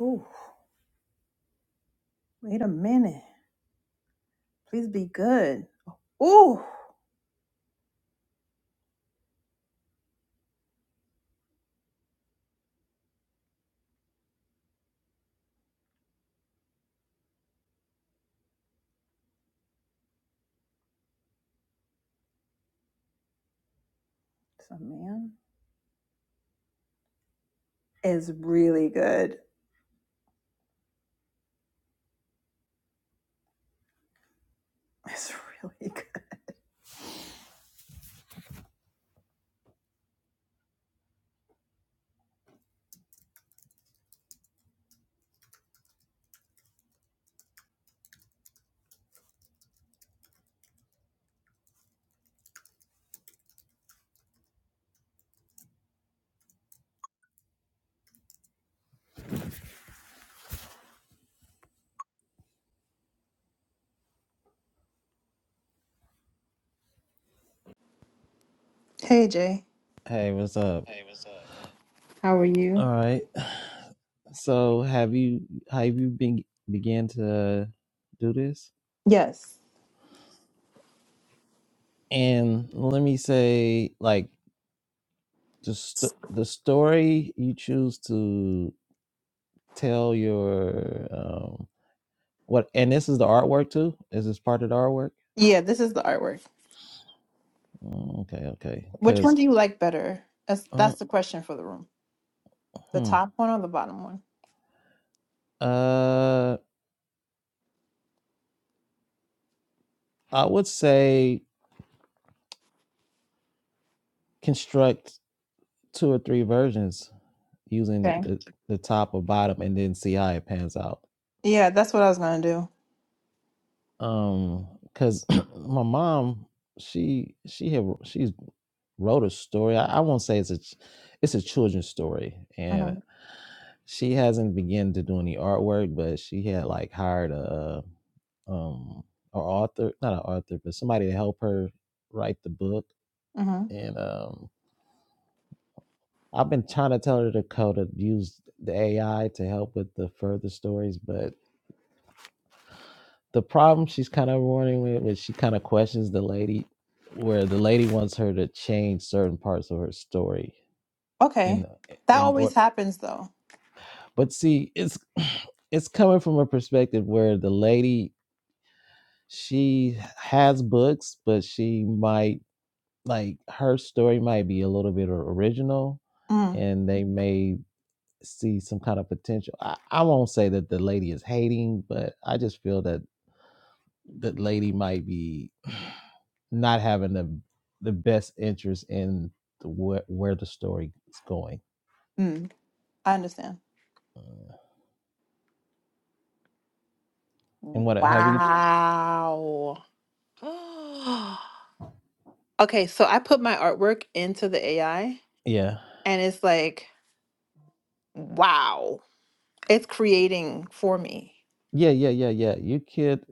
Ooh, wait a minute. Please be good. Ooh, it's a man. Is really good. It's really good. Hey Jay, Hey, what's up? how are All you? right. So, have you have you been began to do this? Yes. And let me say, like the st- the story you choose to tell your um what, and this is the artwork too. Is this part of the artwork? Yeah, this is the artwork. Mm, Okay, okay. Which one Because do you like better? That's uh, that's the question for the room. The hmm. top one or the bottom one? uh, I would say construct two or three versions using the, Okay. the the top or bottom, and then see how it pans out Yeah, that's what I was gonna do. um because my mom she she had she wrote a story I, I won't say it's a ch- it's a children's story hmm and she hasn't begun to do any artwork but she had like hired a uh, um an author not an author but somebody to help her write the book hmm and um i've been trying to tell her to code to use the ai to help with the further stories but the problem she's kind of running with is she kind of questions the lady where the lady wants her to change certain parts of her story Okay. in That in always or happens though. but see it's it's coming from a perspective where the lady she has books but she might like her story might be a little bit original Mm. and they may see some kind of potential i, I won't say that the lady is hating but i just feel that the lady might be not having the the best interest in the, where, where the story is going Mm. I understand. Uh, and what Wow. have you Okay, so I put my artwork into the AI yeah and it's like, wow, it's creating for me. yeah yeah yeah yeah you could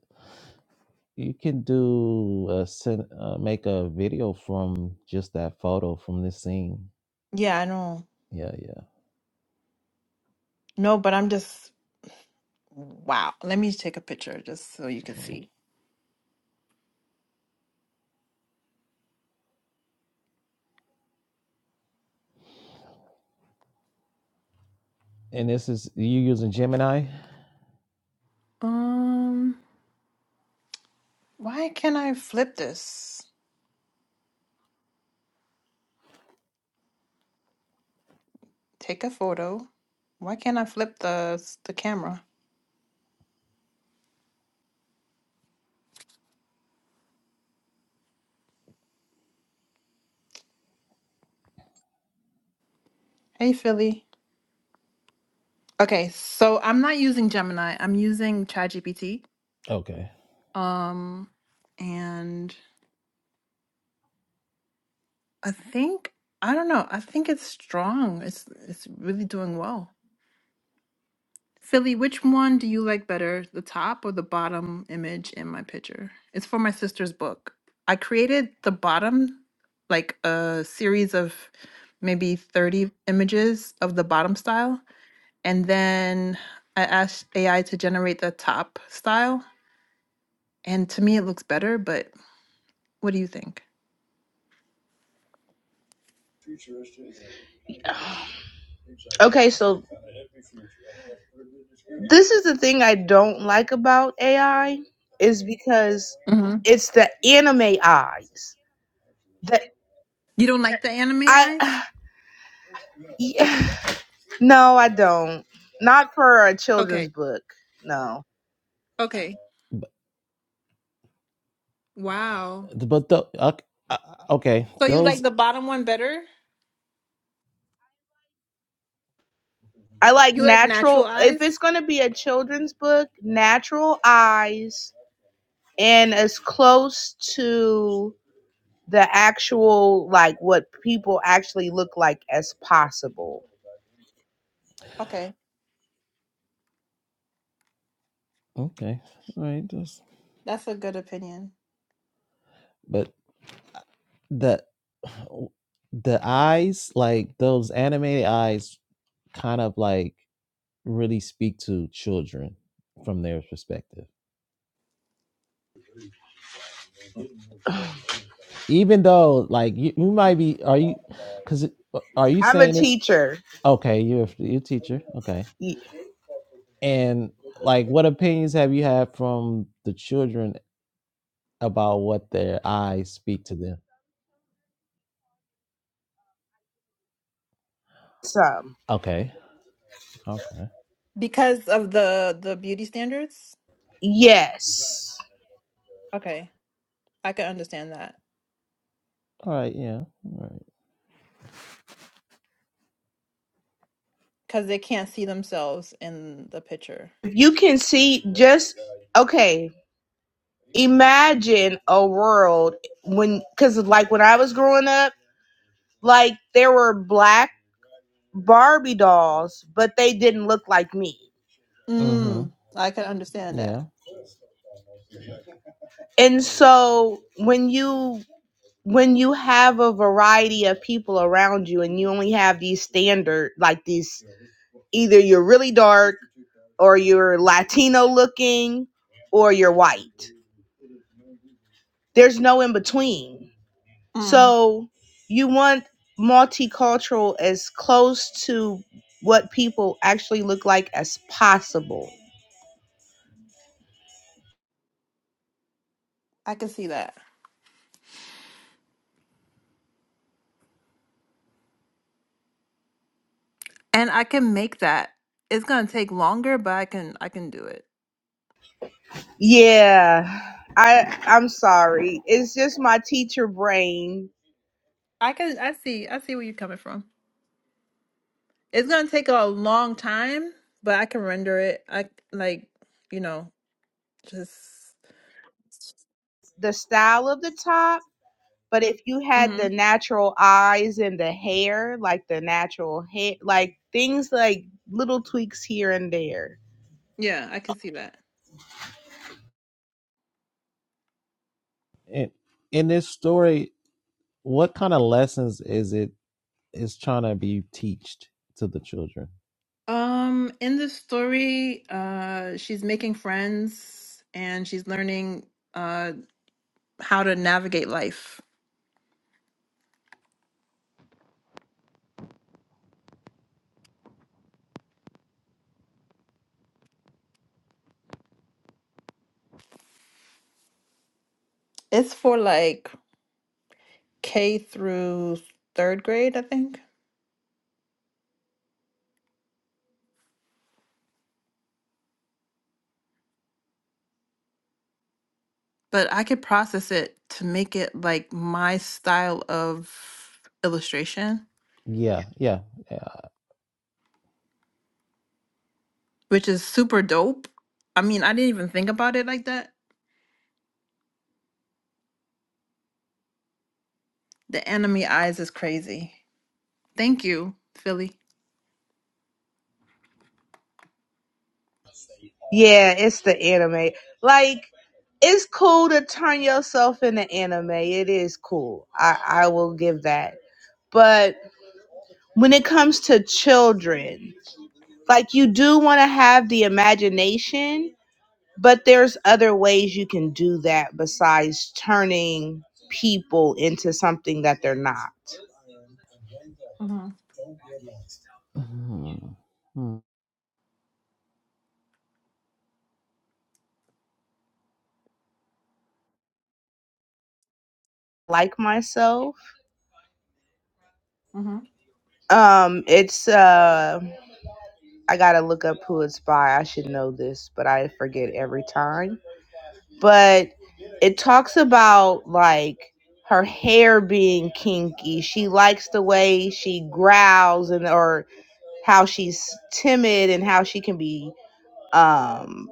you can do a sen- uh, make a video from just that photo from this scene Yeah, I know. yeah yeah No, but I'm just, wow. Let me take a picture just so you can Mm. see. and this is you using gemini Um, why can't I flip this? Take a photo. Why can't I flip the the camera? Hey, Philly. Okay, so I'm not using Gemini. I'm using ChatGPT. okay Um, and I think I don't know. I think it's strong. It's it's really doing well. Philly, which one do you like better, the top or the bottom image in my picture? It's for my sister's book. I created the bottom like a series of maybe 30 images of the bottom style and then I asked AI to generate the top style and to me it looks better, but what do you think? Okay, so this is the thing I don't like about AI is because hmm it's the anime eyes. That You don't like the anime eyes? I yeah, no, I don't. Not for a Okay. children's book. No. Okay. but Wow. but the, okay, okay So you those like the bottom one better? I like You like natural natural eyes? if it's going to be a children's book, natural eyes and as close to the actual like what people actually look like as possible. Okay, Okay. All right. That's, that's a good opinion. but the the eyes, like those animated eyes, kind of like really speak to children from their perspective. Even though, like you, you might be, are you? Because are you I'm a saying it's teacher. okay? You're a- you're a teacher. Okay. y- And like, what opinions have you had from the children about what their eyes speak to them? Some. Okay. Okay. Because of the the beauty standards? Yes. Okay, I can understand that. All right. Yeah. All right. Because they can't see themselves in the picture. If You can see just okay. Imagine a world when cuz like when I was growing up, like there were black Barbie dolls, but they didn't look like me. Mm-hmm. Mm, I can understand Yeah. that. And so when you when you have a variety of people around you and you only have these standard like these either you're really dark or you're Latino looking or you're white. There's no in between. Mm, So you want multicultural as close to what people actually look like as possible. I can see that. And I can make that. It's gonna take longer, but I can I can do it. Yeah. I I'm sorry. It's just my teacher brain, I can I see I see where you're coming from. It's gonna take a long time, but I can render it. I like, you know, just the style of the top, but if you had Mhm. the natural eyes and the hair, like the natural hair, like things like little tweaks here and there. Yeah, I could see that. And in this story, what kind of lessons is it is trying to be teached to the children? Um, in the story, uh, she's making friends and she's learning uh how to navigate life. It's for like K through third grade, I think. But I could process it to make it like my style of illustration, Yeah. Yeah. Yeah. which is super dope. I mean, I didn't even think about it like that. The enemy eyes is crazy. Thank you, Philly. Yeah, it's the anime. Like it's cool to turn yourself into anime. It is cool. I I will give that. But when it comes to children, like you do want to have the imagination But there's other ways you can do that besides turning people into something that they're not. Mm-hmm, Mhm. Like myself, mm-hmm, um, it's uh, I gotta look up who it's by. I should know this, but I forget every time. But it talks about like her hair being kinky. She likes the way she growls and or how she's timid and how she can be um.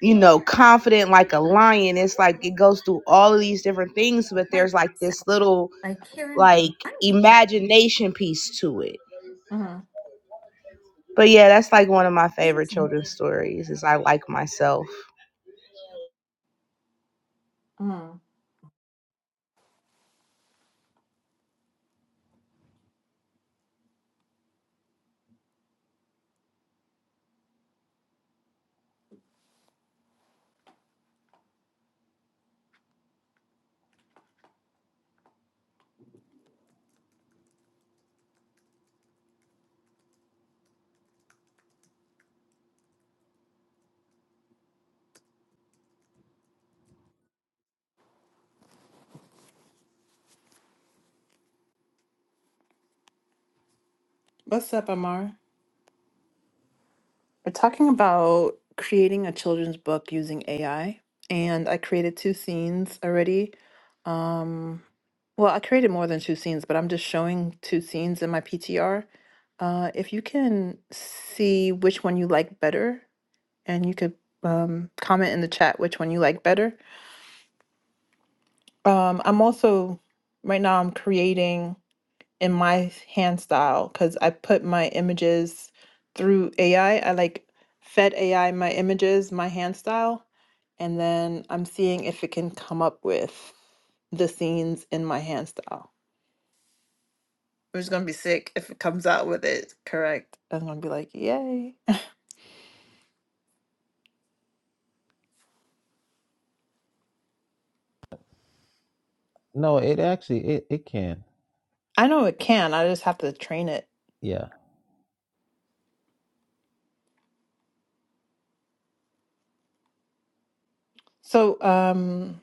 you know, confident like a lion. It's like it goes through all of these different things, but there's like this little like imagination piece to it. But yeah, that's like one of my favorite children's stories is I like myself. mm-hmm, What's up, Amar? We're talking about creating a children's book using AI, and I created two scenes already. Um, well, I created more than two scenes, but I'm just showing two scenes in my PTR. Uh, if you can see which one you like better, and you could um, comment in the chat which one you like better. Um, I'm also, right now, I'm creating. in my hand style because I put my images through AI. I I like fed AI my images, my hand style, and then I'm seeing if it can come up with the scenes in my hand style. Which is gonna be sick if it comes out with it correct. I'm gonna be like, yay. No, it actually it, it can. I know it can, I just have to train it. Yeah. So um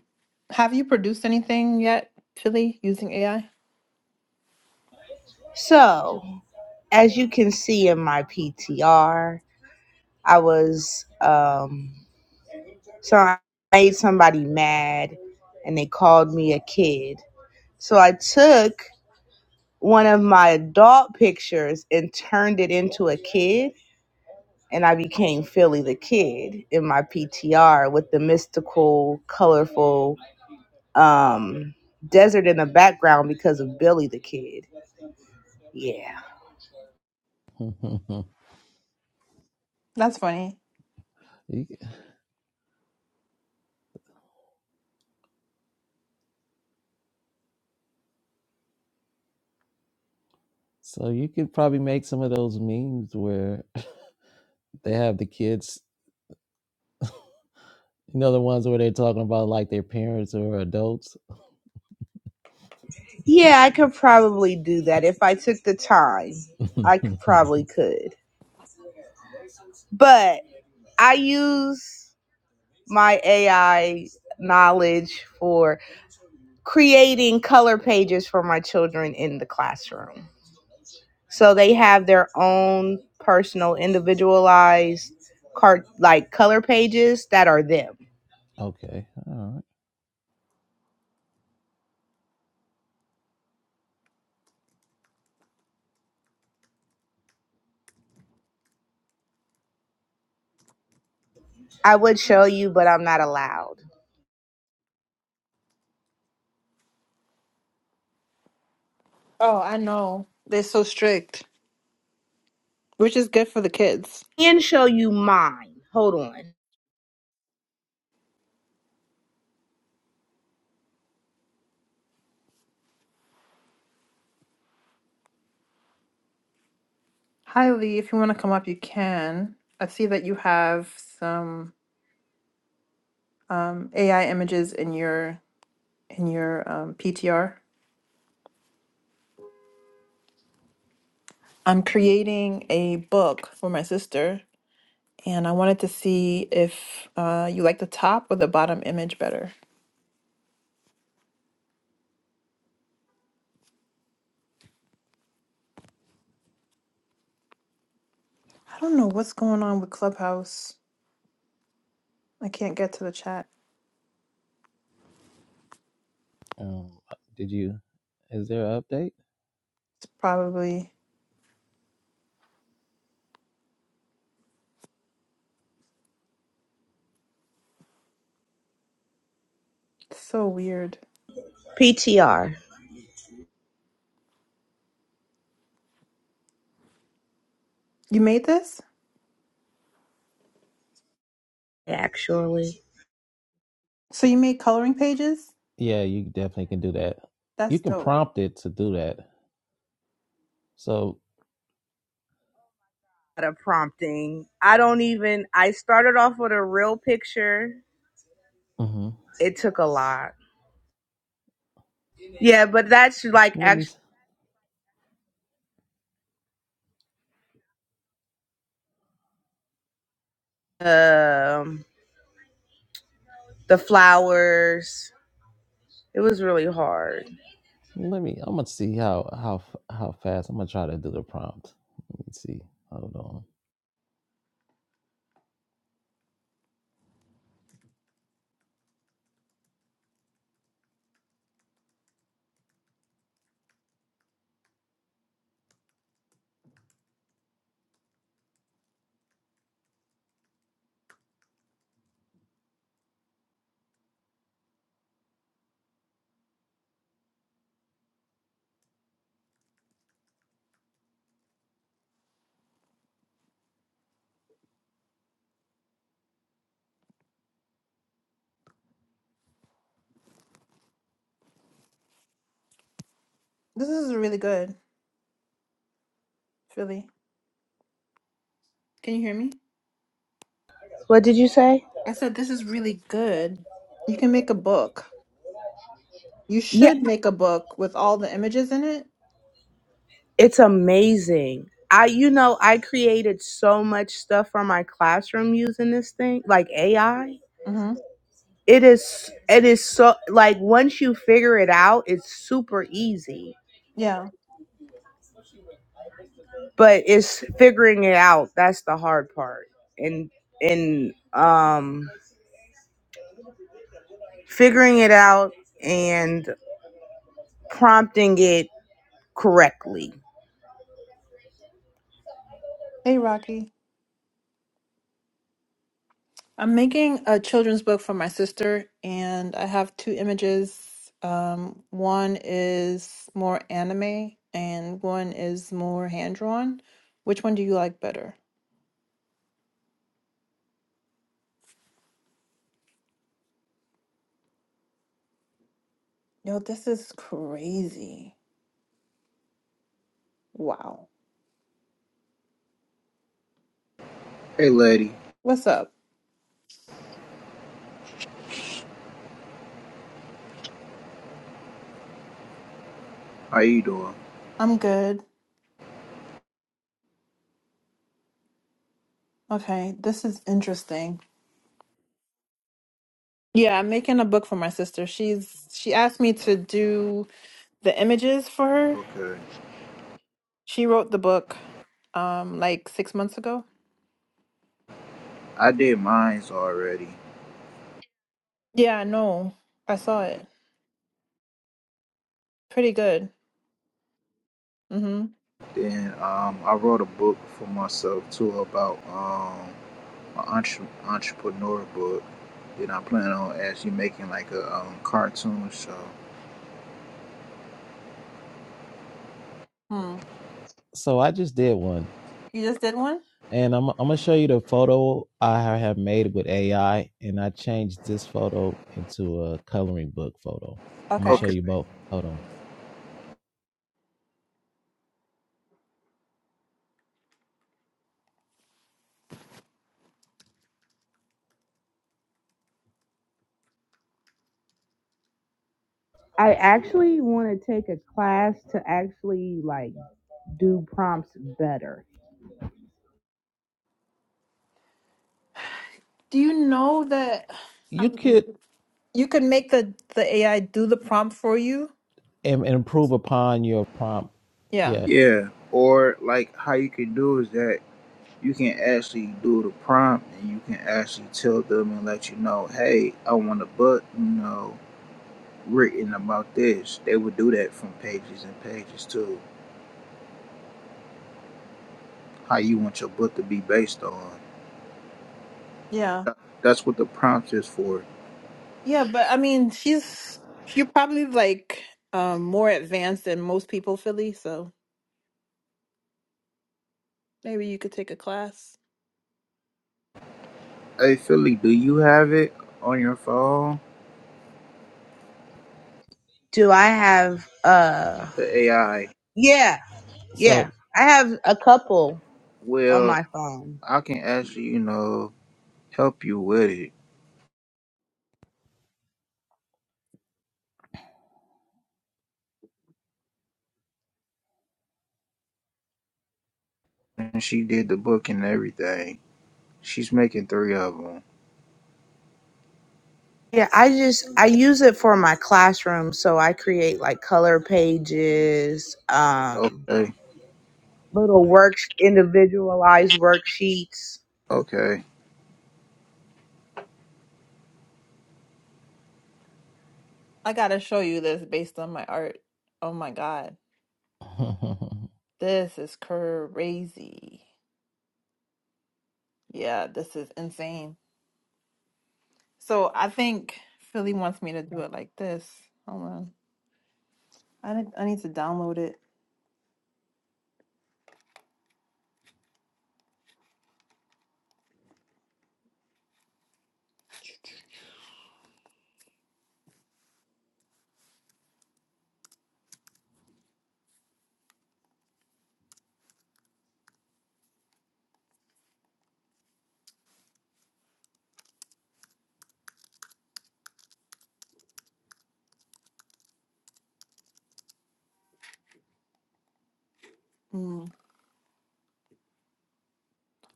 have you produced anything yet, Philly, using AI? So, as you can see in my PTR, I was um so I made somebody mad and they called me a kid. So I took one of my adult pictures and turned it into a kid and I became Philly the Kid in my PTR with the mystical, colorful um, desert in the background because of Billy the Kid. Yeah. That's funny. You c- so you could probably make some of those memes where they have the kids, you know, the ones where they're talking about like their parents or adults. Yeah, I could probably do that if I took the time. okay. I c- probably could. But I use my AI knowledge for creating color pages for my children in the classroom. So they have their own personal, individualized card like color pages that are them. All right. I would show you, but I'm not allowed. Oh, I know. They're so strict. Which is good for the kids. can show you mine. Hold on. Hi, Lee. If you want to come up, you can. I see that you have some um, AI images in your in your um, PTR. I'm creating a book for my sister, and I wanted to see if uh, you like the top or the bottom image better. I don't know what's going on with Clubhouse. I can't get to the chat. Um, did you? Is there an update? It's probably so weird. PTR, You made this? actually. So you made coloring pages? Yeah, you definitely can do that. That's You can dope. prompt it to do that. So At a prompting. I don't even, I started off with a real picture. hmm It took a lot. Yeah, but that's like let me actually s- um, the flowers. It was really hard. let me. I'm gonna see how how f- how fast I'm gonna try to do the prompt. Let me see. Hold on. This is really good, Philly. Can you hear me? What did you say? I said this is really good. You can make a book. You Yeah, should make a book with all the images in it. it's amazing. I, you know, I created so much stuff for my classroom using this thing, like AI. Mm-hmm. it is it is so like once you figure it out it's super easy Yeah. but it's figuring it out that's the hard part and and um figuring it out and prompting it correctly Hey, Rocky. I'm making a children's book for my sister, and I have two images. Um, one is more anime, and one is more hand drawn. Which one do you like better? Yo, this is crazy. Wow. Hey lady, What's up? how you doing? I'm good. Okay, this is interesting. Yeah, I'm making a book for my sister. She's she asked me to do the images for her. Okay. She wrote the book um like 6 months ago. I did mines already. Yeah, I know. I saw it. Pretty good. Mm-hmm. Then um, I wrote a book for myself too about um, an entre- entrepreneur book. Then I plan on actually making like a um, cartoon show. Hmm. So I just did one. You just did one? and I'm I'm gonna show you the photo I have made with AI, and I changed this photo into a coloring book photo. I'm gonna Okay. show Okay. you both. Hold on. i actually want to take a class to actually like do prompts better Do you know that You could you can make the the AI do the prompt for you? im- improve upon your prompt. Yeah. Yeah. Yeah. Or like how you can do is that you can actually do the prompt and you can actually tell them and let you know, hey, I want a book, you know, written about this. They would do that from pages and pages too. how you want your book to be based on. Yeah. That, that's what the prompt is for. Yeah, but I mean, she's you're probably like um more advanced than most people, Philly, so maybe you could take a class. Hey Philly, do you have it on your phone? Do I have uh The AI. yeah, yeah. So. I have a couple on Well, my phone. I can actually, you know, help you with it. And she did the book and everything. She's making three of them. Yeah, I just I use it for my classroom so I create like color pages, um Okay, little works individualized worksheets okay. I gotta show you this based on my art. Oh my God. This is crazy. Yeah, this is insane. So I think Philly wants me to do it like this. Hold on. I need, I need to download it. Mm.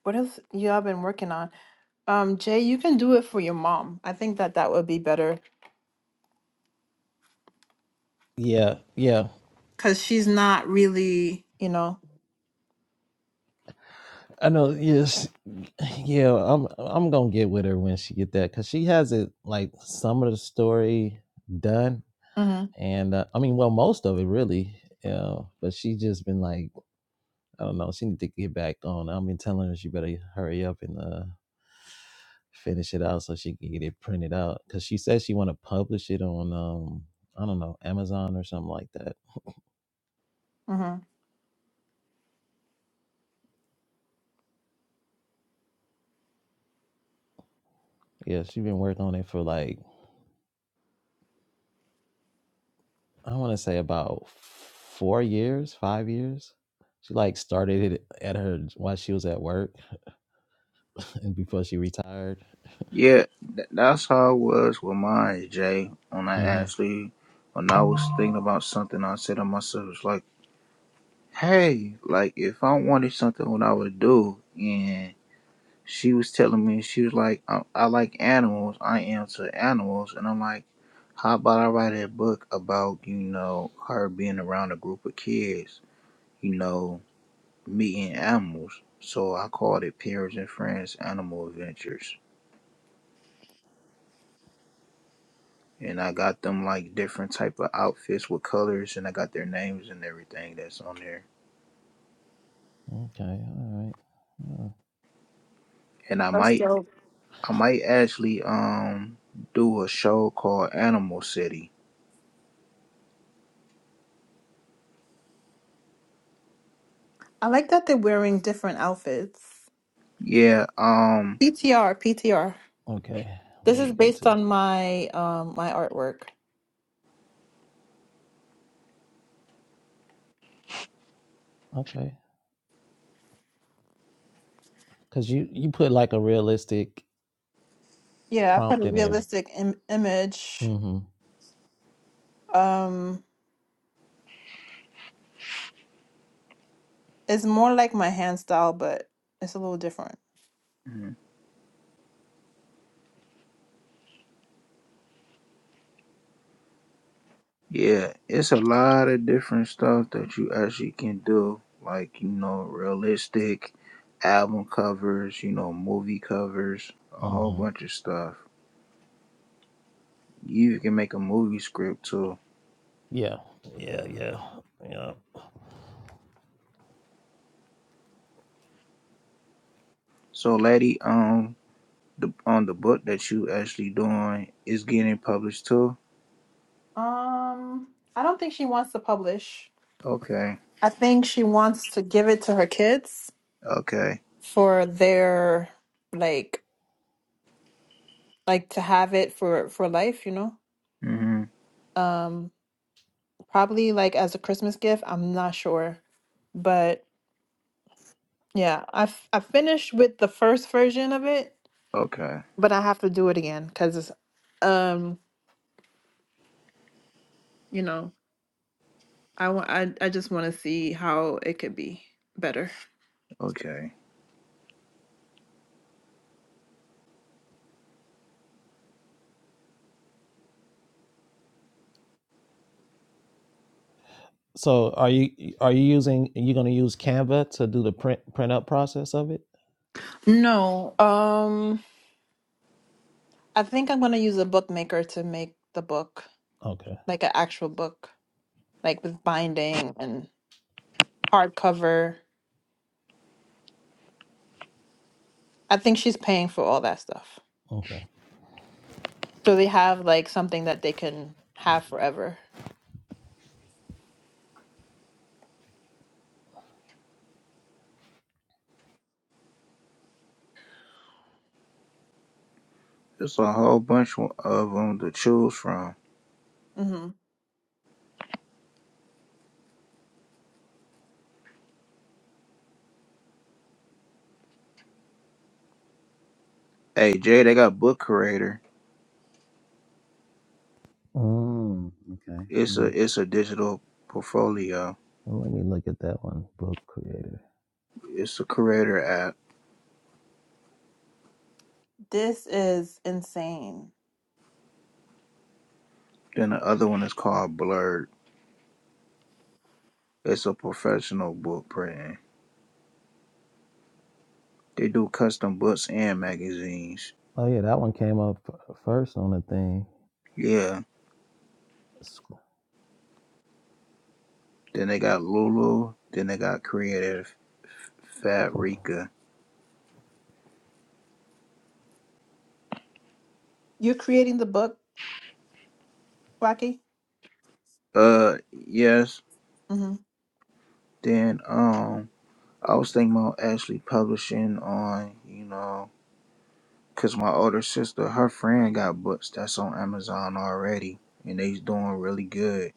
What else y'all been working on? Um, Jay, you can do it for your mom. I think that that would be better yeah. Yeah. because she's not really, you know. I know. Yes, yeah. I'm I'm gonna get with her when she get that because she has it like some of the story done, Mm-hmm, and uh, I mean, well, most of it really. Yeah, but she just been like, I don't know. She need to get back on. I've been telling her she better hurry up and uh finish it out so she can get it printed out because she says she want to publish it on um I don't know Amazon or something like that. mm-hmm. Yeah, she been working on it for like I want to say about four years, five years. She like started it at her while she was at work and before she retired. Yeah, th- that's how it was with mine, Jay. When I hmm actually, when I was thinking about something, I said to myself, it's like, hey, like if I wanted something, what I would do, and. she was telling me she was like I, I like animals i am to animals and i'm like how about i write a book about you know her being around a group of kids you know meeting animals so i called it parents and friends animal adventures and i got them like different type of outfits with colors and i got their names and everything that's on there Okay, all right. Uh, and i might i might actually um do a show called animal city I like that they're wearing different outfits. yeah um PTR, PTR. okay, This let is me go based to on my um my artwork. okay because you you put like a realistic Yeah, I put prompt a in there. realistic Im- image. hmm Um, it's more like my hand style, but it's a little different. Yeah, it's a lot of different stuff that you actually can do, like you know, realistic album covers, you know, movie covers, a whole hmm bunch of stuff. You can make a movie script too. Yeah, yeah, yeah, yeah. So, lady, um, the on the book that you actually doing is getting published too. Um, I don't think she wants to publish. Okay, I think she wants to give it to her kids okay, for their like like to have it for for life, you know. mm-hmm. Um probably like as a Christmas gift, I'm not sure. But yeah, I f- I finished with the first version of it, okay, but I have to do it again cuz um, you know, I want I I just want to see how it could be better. okay. So are you are you using you gonna use Canva to do the print print up process of it? No. Um I think I'm going to use a bookmaker to make the book, Okay, like an actual book. like with binding and hardcover. I think she's paying for all that stuff. okay. So they have like something that they can have forever. It's a whole bunch of them to choose from. hmm Hey, Jay, they got book creator. Mm, It's okay. a it's a digital portfolio. Well, let me look at that one. Book creator. It's a creator app. This is insane. Then the other one is called Blurred. It's a professional book printing. They do custom books and magazines. Oh yeah, that one came up f- first on the thing. Yeah. S- Then they got Lulu. Then they got Creative f- Fabrica. You're creating the book, Rocky? Uh, yes. hmm Then um, I was thinking about actually publishing on you know, cause my older sister, her friend got books that's on Amazon already, and they's doing really good.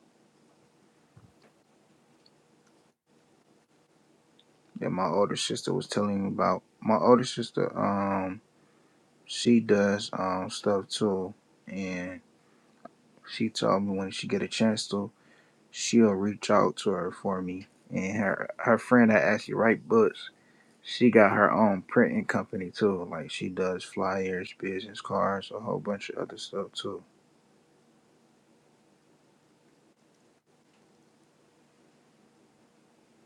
That my older sister was telling me about. My older sister um she does um stuff too and she told me when she get a chance to she'll reach out to her for me and her her friend that actually write books she got her own printing company too like she does flyers business cards a whole bunch of other stuff too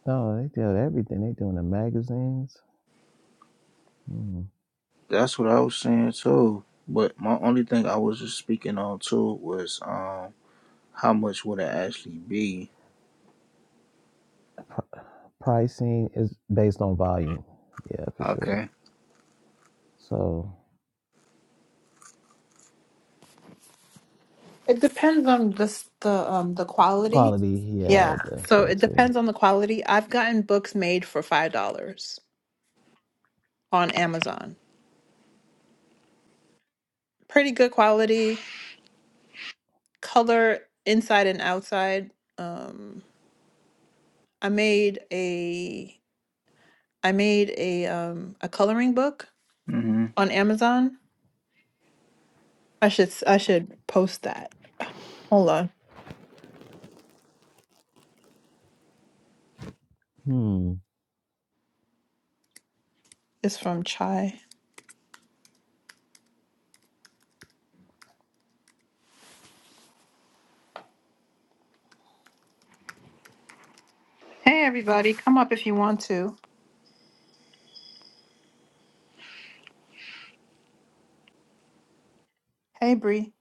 No, they do everything. They doing the magazines. Hmm. that's what i was saying too but my only thing i was just speaking on too was um how much would it actually be Pri- Pricing is based on volume. Yeah, for sure. okay So It depends on this the um the quality. quality. Yeah, Yeah. th- So it that's a. depends on the quality. I've gotten books made for five dollars on Amazon. Pretty good quality, color inside and outside. Um, I made a I made a um a coloring book Mm-hmm. on Amazon. I should s- I should post that. Hold on. Hmm. It's from Chai. Hey everybody, come up if you want to. Hey Bree.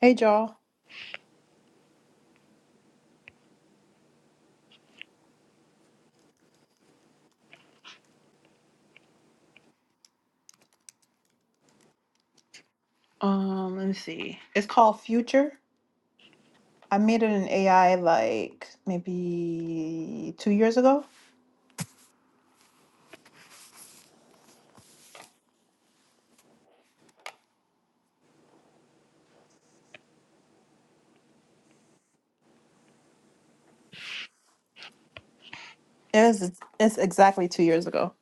Hey y'all. Um, let me see. It's called Future. I made it in AI like maybe two years ago. It was it's exactly two years ago.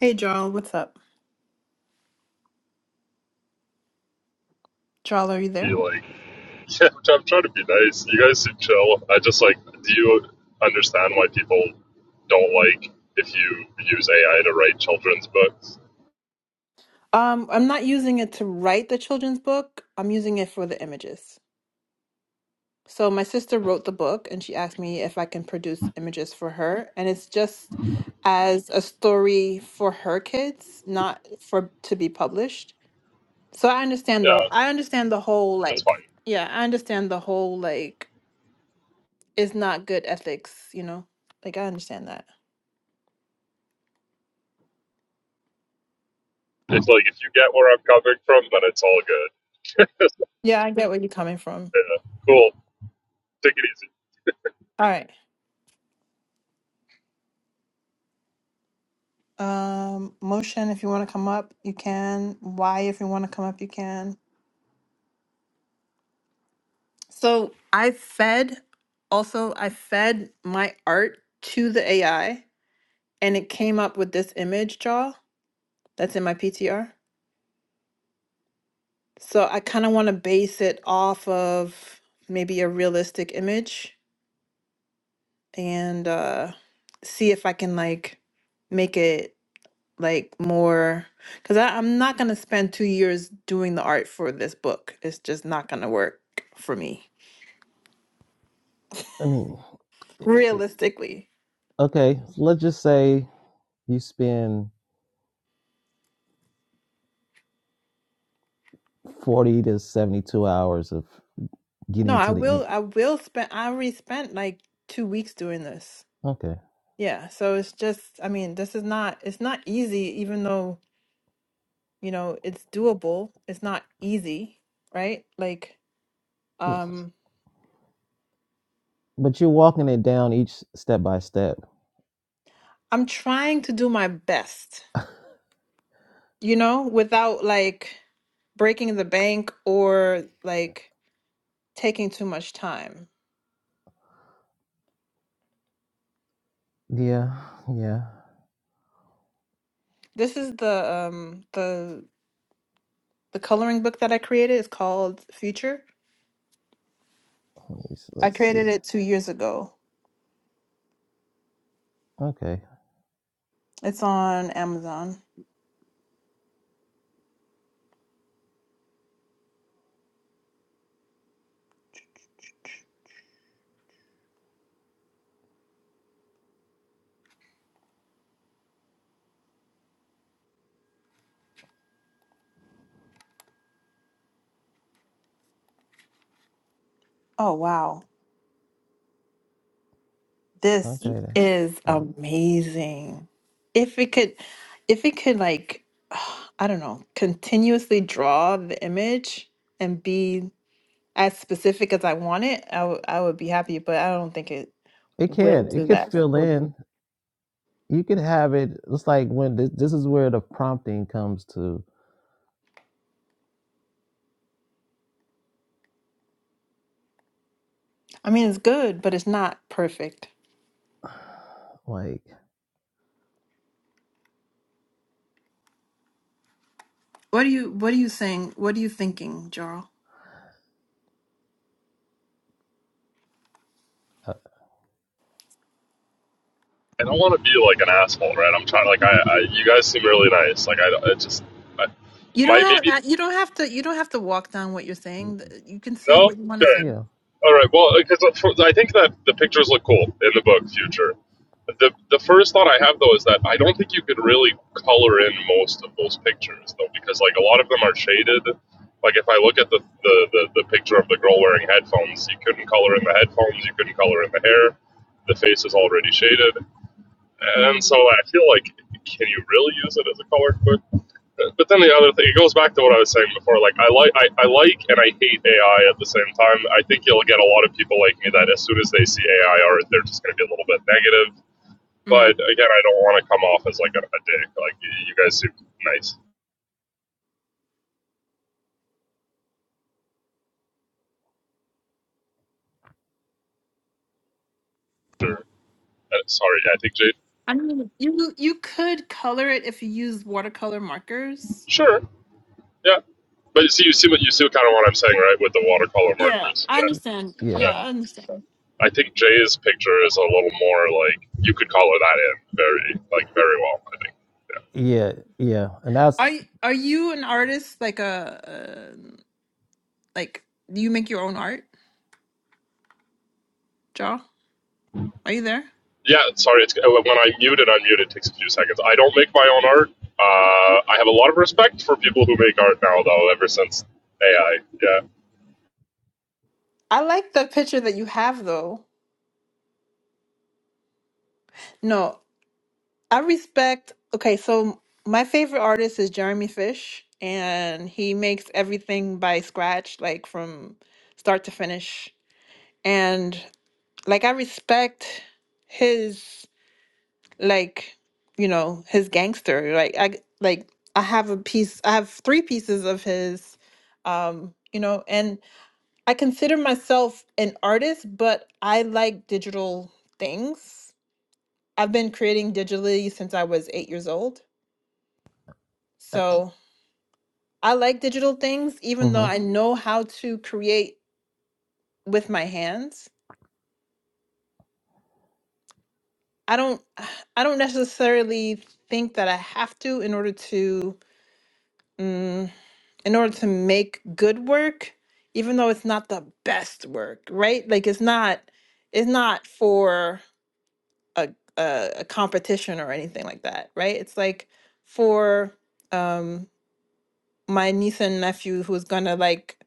Hey Jarl, what's up? Jarl, are you be there? like, yeah, I'm trying to be nice. You guys seem chill. I just like, do you understand why people don't like if you use AI to write children's books? Um, I'm not using it to write the children's book. I'm using it for the images. So my sister wrote the book and she asked me if I can produce images for her. And it's just as a story for her kids, not for to be published. So I understand though. Yeah, I understand the whole it's like fine. yeah, I understand the whole like it's not good ethics, you know? Like I understand that. It's like if you get where I'm coming from, then it's all good. Yeah, I get where you're coming from. yeah, cool. Take it easy. All right. Um, motion if you want to come up, you can. Why if you want to come up, you can. So I fed also I fed my art to the AI and it came up with this image draw that's in my PTR. So I kind of want to base it off of maybe a realistic image and uh see if I can like make it like more because I'm not gonna spend two years doing the art for this book. It's just not gonna work for me I mean, it, it, realistically. okay. Let's just say you spend 40 to 72 hours of No, getting I to the end. will. I will spend. I already spent like two weeks doing this. Okay. Yeah. So it's just. I mean, this is not. It's not easy, even though you know it's doable. It's not easy, right? Like, um, But you're walking it down each step by step. I'm trying to do my best. You know, without like breaking the bank or like taking too much time. Yeah, yeah. This is the um the the coloring book that I created. It's called Future. Let me, s- I let's created see. it two years ago. Okay, It's on Amazon. Oh, wow. This okay then. is That- amazing. If it could, if it could, like, I don't know, continuously draw the image and be as specific as I want it, I would I would be happy, but I don't think it It will can. It do could that. fill in. You could have it. It's like when this, this is where the prompting comes to, I mean, it's good, but it's not perfect. like, What are you, what are you saying? What are you thinking, Jarl? uh, I don't want to be like an asshole, right? I'm trying. Like, I, I you guys seem really nice. Like, I, don't- I just, I, You don't my maybe have uh, you don't have to you don't have to walk down what you're saying. Th- You can say no. what you want to Okay, you say. know, All right. Well, because I think that the pictures look cool in the book Future. The the first thought I have though is that I don't think you could really color in most of those pictures though, because like a lot of them are shaded. Like if I look at the the, the, the picture of the girl wearing headphones, you couldn't color in the headphones, you couldn't color in the hair. The face is already shaded. And Mm, so I feel like, can you really use it as a colored book? But then the other thing, it goes back to what I was saying before. Like I like, I, I like, and I hate AI at the same time. I think you'll get a lot of people like me that as soon as they see AI art, they're just going to be a little bit negative. mm. But again, I don't want to come off as like a, a dick. Like you guys seem nice. Sure. Uh, sorry, I think Jade. I mean, you you could color it if you use watercolor markers. Sure. Yeah. But you see, you see what you see, kind of what I'm saying, right? With the watercolor Yeah, markers. I y- Yeah. understand. yeah, Yeah. Yeah, I understand. I think Jay's picture is a little more like you could color that in very like very well. I think. yeah, yeah. And that's. Are y- are you an artist? Like a uh, like do you make your own art, Ja? Are you there? Yeah. Yeah. Sorry. It's uh, when I mute it, unmute it takes a few seconds. I don't make my own art. Uh, I have a lot of respect for people who make art now, though. Ever since AI. Yeah. I like the picture that you have though. No, I respect. Okay, so my favorite artist is Jeremy Fish, and he makes everything by scratch, like from start to finish. And like I respect his. like you know his gangster like I like i have a piece i have three pieces of his um you know and i consider myself an artist but i like digital things i've been creating digitally since i was 8 years old Uh, so i like digital things even though mhm. i know how to create with my hands i don't i don't necessarily think that i have to in order to mm, in order to make good work even though it's not the best work right like it's not it's not for a, a, a competition or anything like that right it's like for um my niece and nephew who's gonna like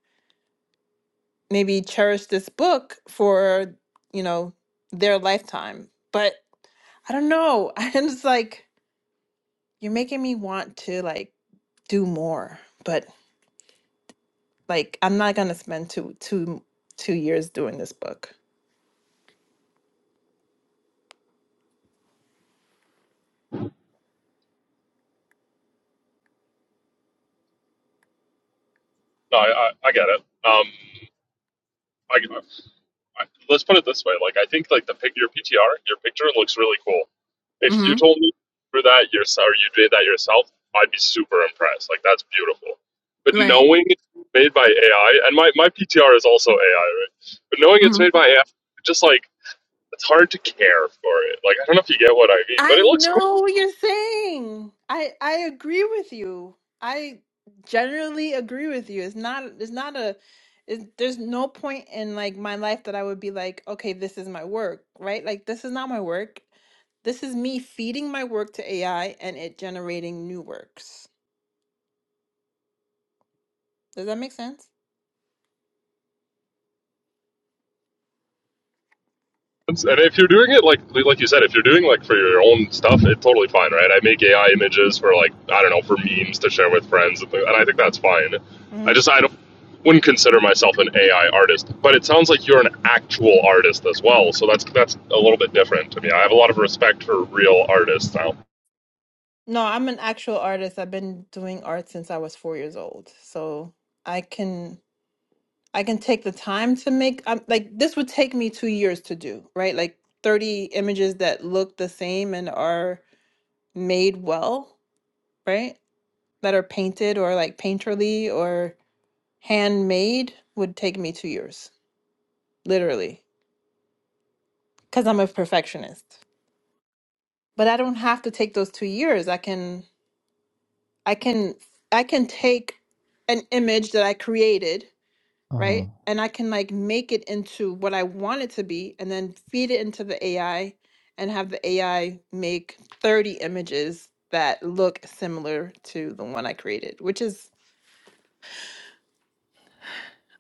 maybe cherish this book for you know their lifetime but i don't know i'm just like you're making me want to like do more but like I'm not gonna spend two two two years doing this book. No, I I, I get it. Um, I I- let's put it this way. Like I think like the pic your PTR, your picture looks really cool. If you Mm-hmm. told me for that yourself or you did that yourself, I'd be super impressed. Like that's beautiful. But Right. knowing it's made by AI and my, my PTR is also AI, right? But knowing it's Mm-hmm. made by AI just like it's hard to care for it. Like I don't know if you get what I mean, but I it looks cool. know what you're saying. I I agree with you. I generally agree with you. It's not it's not a it's, there's no point in like my life that I would be like, okay, this is my work, right? Like this is not my work. This is me feeding my work to AI and it generating new works. Does that make sense? And if you're doing it like like you said, if you're doing like for your own stuff, it's totally fine, right? I make AI images for like I don't know for memes to share with friends, and, and I think that's fine. I just I don't wouldn't consider myself an AI artist, but it sounds like you're an actual artist as well, so that's that's a little bit different to me. I have a lot of respect for real artists now. No, I'm an actual artist. I've been doing art since I was four years old. So I can I can take the time to make I'm like this would take me two years to do, right? Like 30 images that look the same and are made well, right? That are painted or like painterly or handmade would take me two years, literally, because I'm a perfectionist. But I don't have to take those two years. I can I can I can take an image that I created Uh-huh. right? And I can like make it into what I want it to be and then feed it into the AI and have the AI make 30 images that look similar to the one I created, which is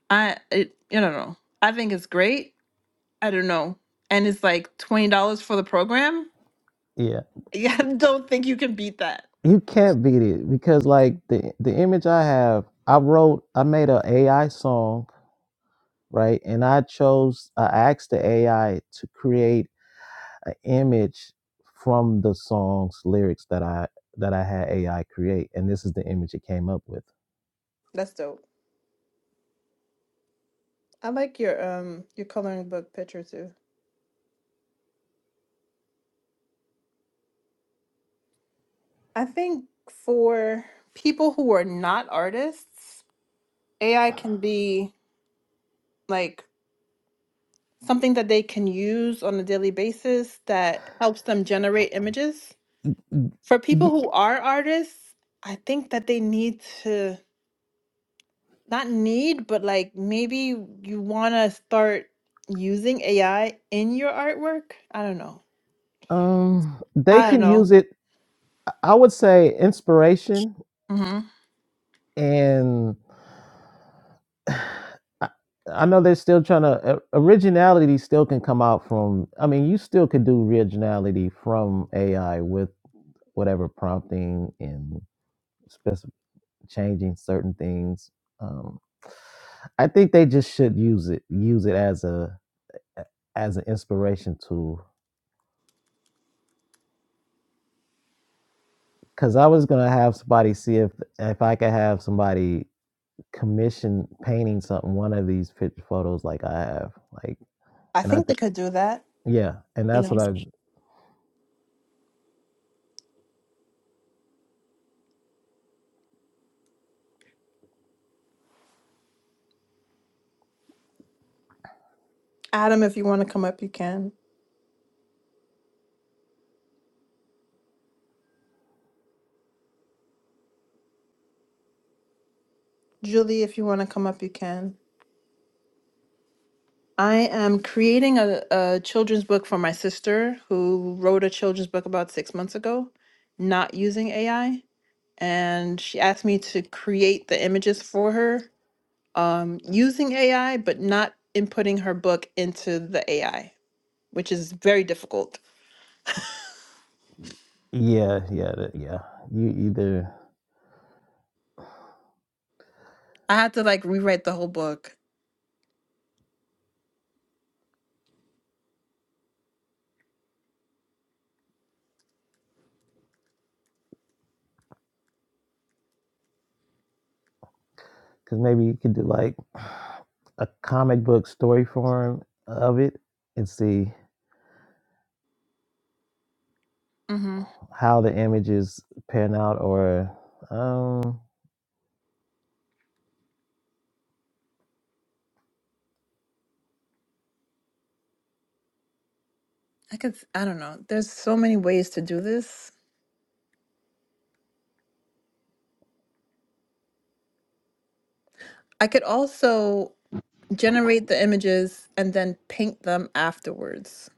I it, I don't know. I think it's great. I don't know. And it's like $20 for the program. Yeah. Yeah, I don't think you can beat that. You can't beat it because like the the image I have, I wrote I made a AI song, right? And I chose I asked the AI to create an image from the song's lyrics that I that I had AI create. And this is the image it came up with. That's dope. I like your um your coloring book picture too. I think for people who are not artists, AI can be like something that they can use on a daily basis that helps them generate images. For people Y- who are artists, I think that they need to not need, but like maybe you want to start using AI in your artwork. I don't know. Um they I don't can know. use it I would say inspiration hmm and I I know they're still trying to uh, originality still can come out from I mean you still could do originality from AI with whatever prompting and specif- changing certain things. Um, I think they just should use it use it as a as an inspiration tool. Cause I was gonna have somebody see if if I could have somebody commission painting something one of these picture photos like I have like I and I think they think could do that. yeah and that's what I Adam, if you want to come up, you can. Julie, if you want to come up, you can. I am creating a, a children's book for my sister who wrote a children's book about six months ago, not using AI. And she asked me to create the images for her um, using AI, but not inputting her book into the AI, which is very difficult. yeah yeah that- yeah you either I had to like rewrite the whole book. because maybe you could do like a comic book story form of it and see hmm how the images pan out or um I could, I don't know. There's so many ways to do this. I could also generate the images and then paint them afterwards.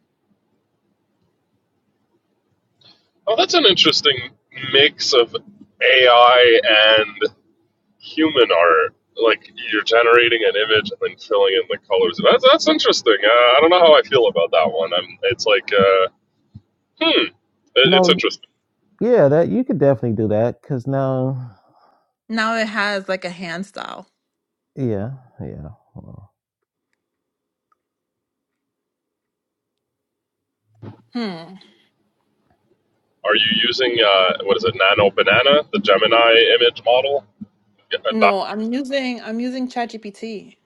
Oh, that's an interesting mix of AI and human art. Like you're generating an image and then filling in the colors. That's that's interesting. Uh, I don't know how I feel about that one. I'm, it's like, uh, hmm, it, it's no interesting. Yeah, that you could definitely do that because now, Now it has like a hand style. yeah, yeah, well, Hmm. Are you using uh, what is it, Nano Banana, the Gemini image model? Yeah, that- No, I'm using I'm using ChatGPT.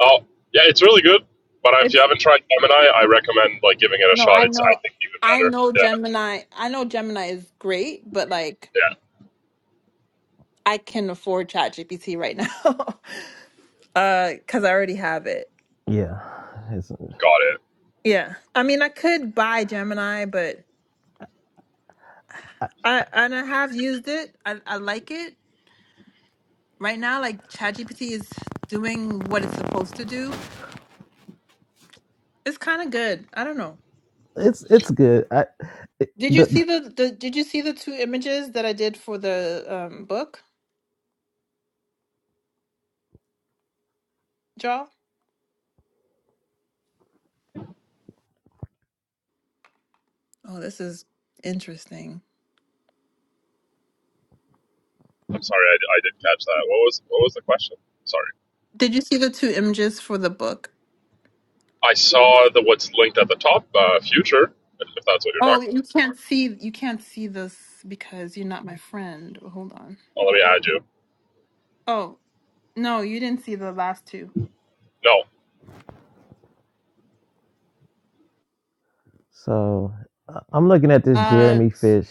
oh, yeah, it's really good. But if you It's haven't tried Gemini, I recommend like giving it a no, shot. I It's I know think even I better. know Yeah, Gemini. I know Gemini is great, but like yeah, I can afford ChatGPT right now. uh cuz I already have it. yeah. It's got it. Yeah. I mean, I could buy Gemini, but I- I and I have used it. I I like it. Right now like ChatGPT is doing what it's supposed to do It's kind of good. I don't know. it's it's good. I it, Did you the see the, the Did you see the two images that I did for the um, book draw? Oh, this is interesting. I'm sorry, I, I didn't catch that. What was what was the question? Sorry. Did you see the two images for the book? I saw the what's linked at the top, uh, future, if if that's what you're talking. Oh, you can't see. You can't see this because you're not my friend. Hold on. Oh, let me add you. Oh no, you didn't see the last two. No. so I- I'm looking at this Uh, Jeremy Fish.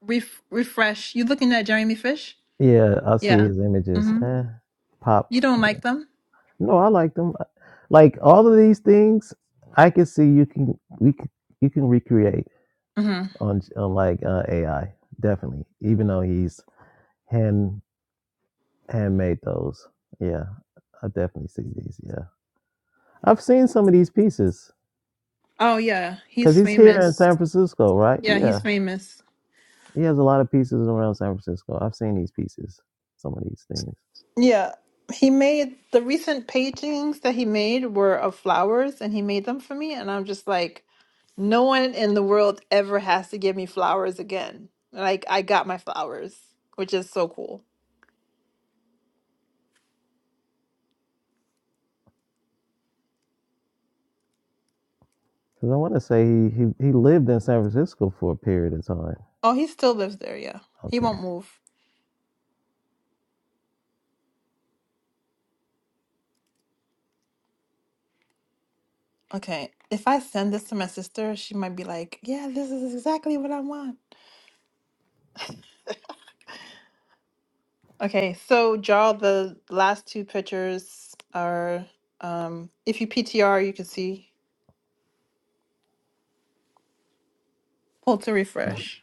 ref- refresh. You looking at Jeremy Fish? Yeah, I see Yeah. his images. Mm-hmm. Eh, pop. You don't yeah, like them? No, I like them. I- Like all of these things, I can see you can we can, you can recreate Mm-hmm. on j- on like uh, AI definitely. Even though he's hand handmade those. Yeah, I definitely see these. Yeah. I've seen some of these pieces Oh yeah, because he's he's here in famous. San Francisco, right? Yeah, he's Yeah, famous. he has a lot of pieces around San Francisco. I've seen these pieces, some of these things. Yeah, he made the recent paintings that he made were of flowers, and he made them for me. And I'm just like, no one in the world ever has to give me flowers again. Like, I got my flowers, which is so cool. Because I want to say he, he he lived in San Francisco for a period of time. Oh, he still lives there. Yeah, he Okay. won't move. Okay, if I send this to my sister, she might be like, yeah, this is exactly what I want. Okay, so Jarl, the last two pictures are, um, if you PTR, you can see. Pull to refresh.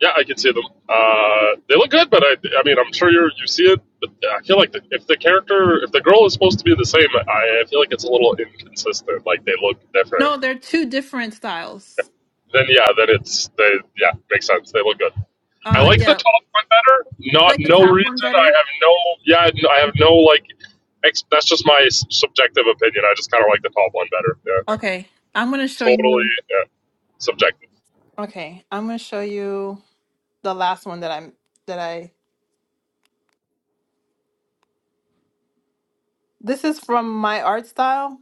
Yeah, I can see them. Uh, they look good, but I, I mean, I'm sure you you see it. But I feel like the, if the character, if the girl is supposed to be the same, I, I feel like it's a little inconsistent. Like they look different. No, they're two different styles. Then yeah, then it's they yeah makes sense. They look good. I Uh, like the yeah, You top one better. Not like the no top one reason. better. I have no yeah. I have no like. Ex- that's just my s- subjective opinion. I just kind of like the top one better. Yeah, Okay, I'm gonna show totally you. yeah. subjective. Okay, I'm gonna show you the last one that I'm that I. This is from my art style.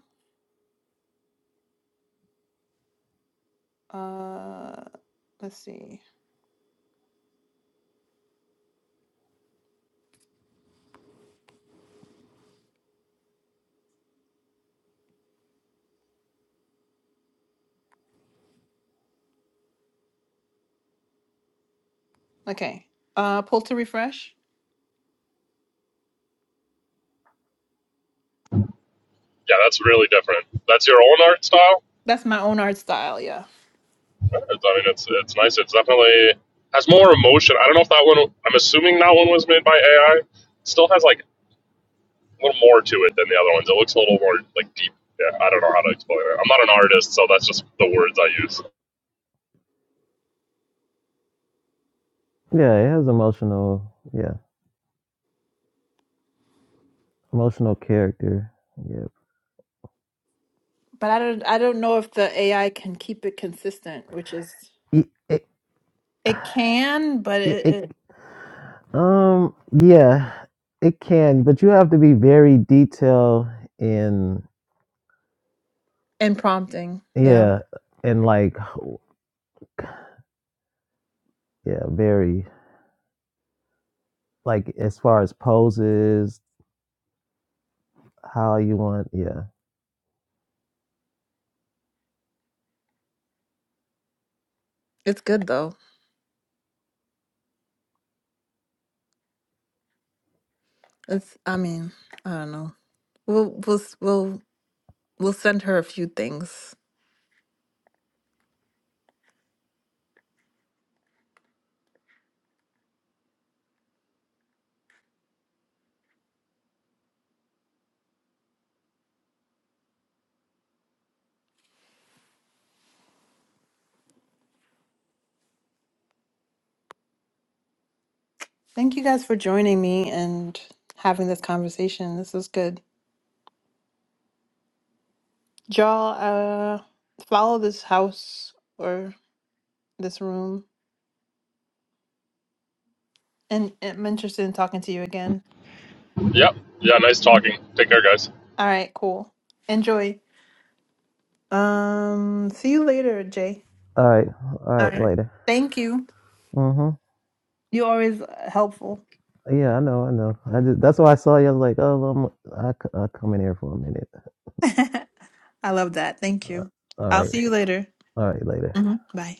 Uh, let's see. Okay, uh, pull to refresh. Yeah, that's really different. That's your own art style. That's my own art style. Yeah, It's- I mean, it's it's nice. It's definitely has more emotion. I don't know if that one. I'm assuming that one was made by AI. It still has like a little more to it than the other ones. It looks a little more like deep. Yeah, I don't know how to explain it. I'm not an artist, so that's just the words I use. Yeah, it has emotional. Yeah, emotional character. Yeah. but I don't I don't know if the AI can keep it consistent, which is It, it, it can, but it, it, it, it um. Yeah, it can, but you have to be very detailed in. and prompting. Yeah, Yeah, and like, yeah, very. like as far as poses, how you want. Yeah. it's good though. It's I mean I don't know. We'll we'll s- we'll we'll send her a few things. Thank you guys for joining me and having this conversation. This was good. Y'all, uh, follow this house or this room, and I'm interested in talking to you again. Yep. Yeah. Nice talking. Take care, guys. All right, cool. Enjoy. Um, see you later, Jay. All right. All All right. right. Later. Thank you. Mhm. You're always uh, helpful. Yeah, I know. I know. I just that's why I saw you. I was like, oh, I'm, I c- I'll come in here for a minute. I love that. Thank Uh, you. all I'll right. see you later. All right. Later. Mhm. Bye.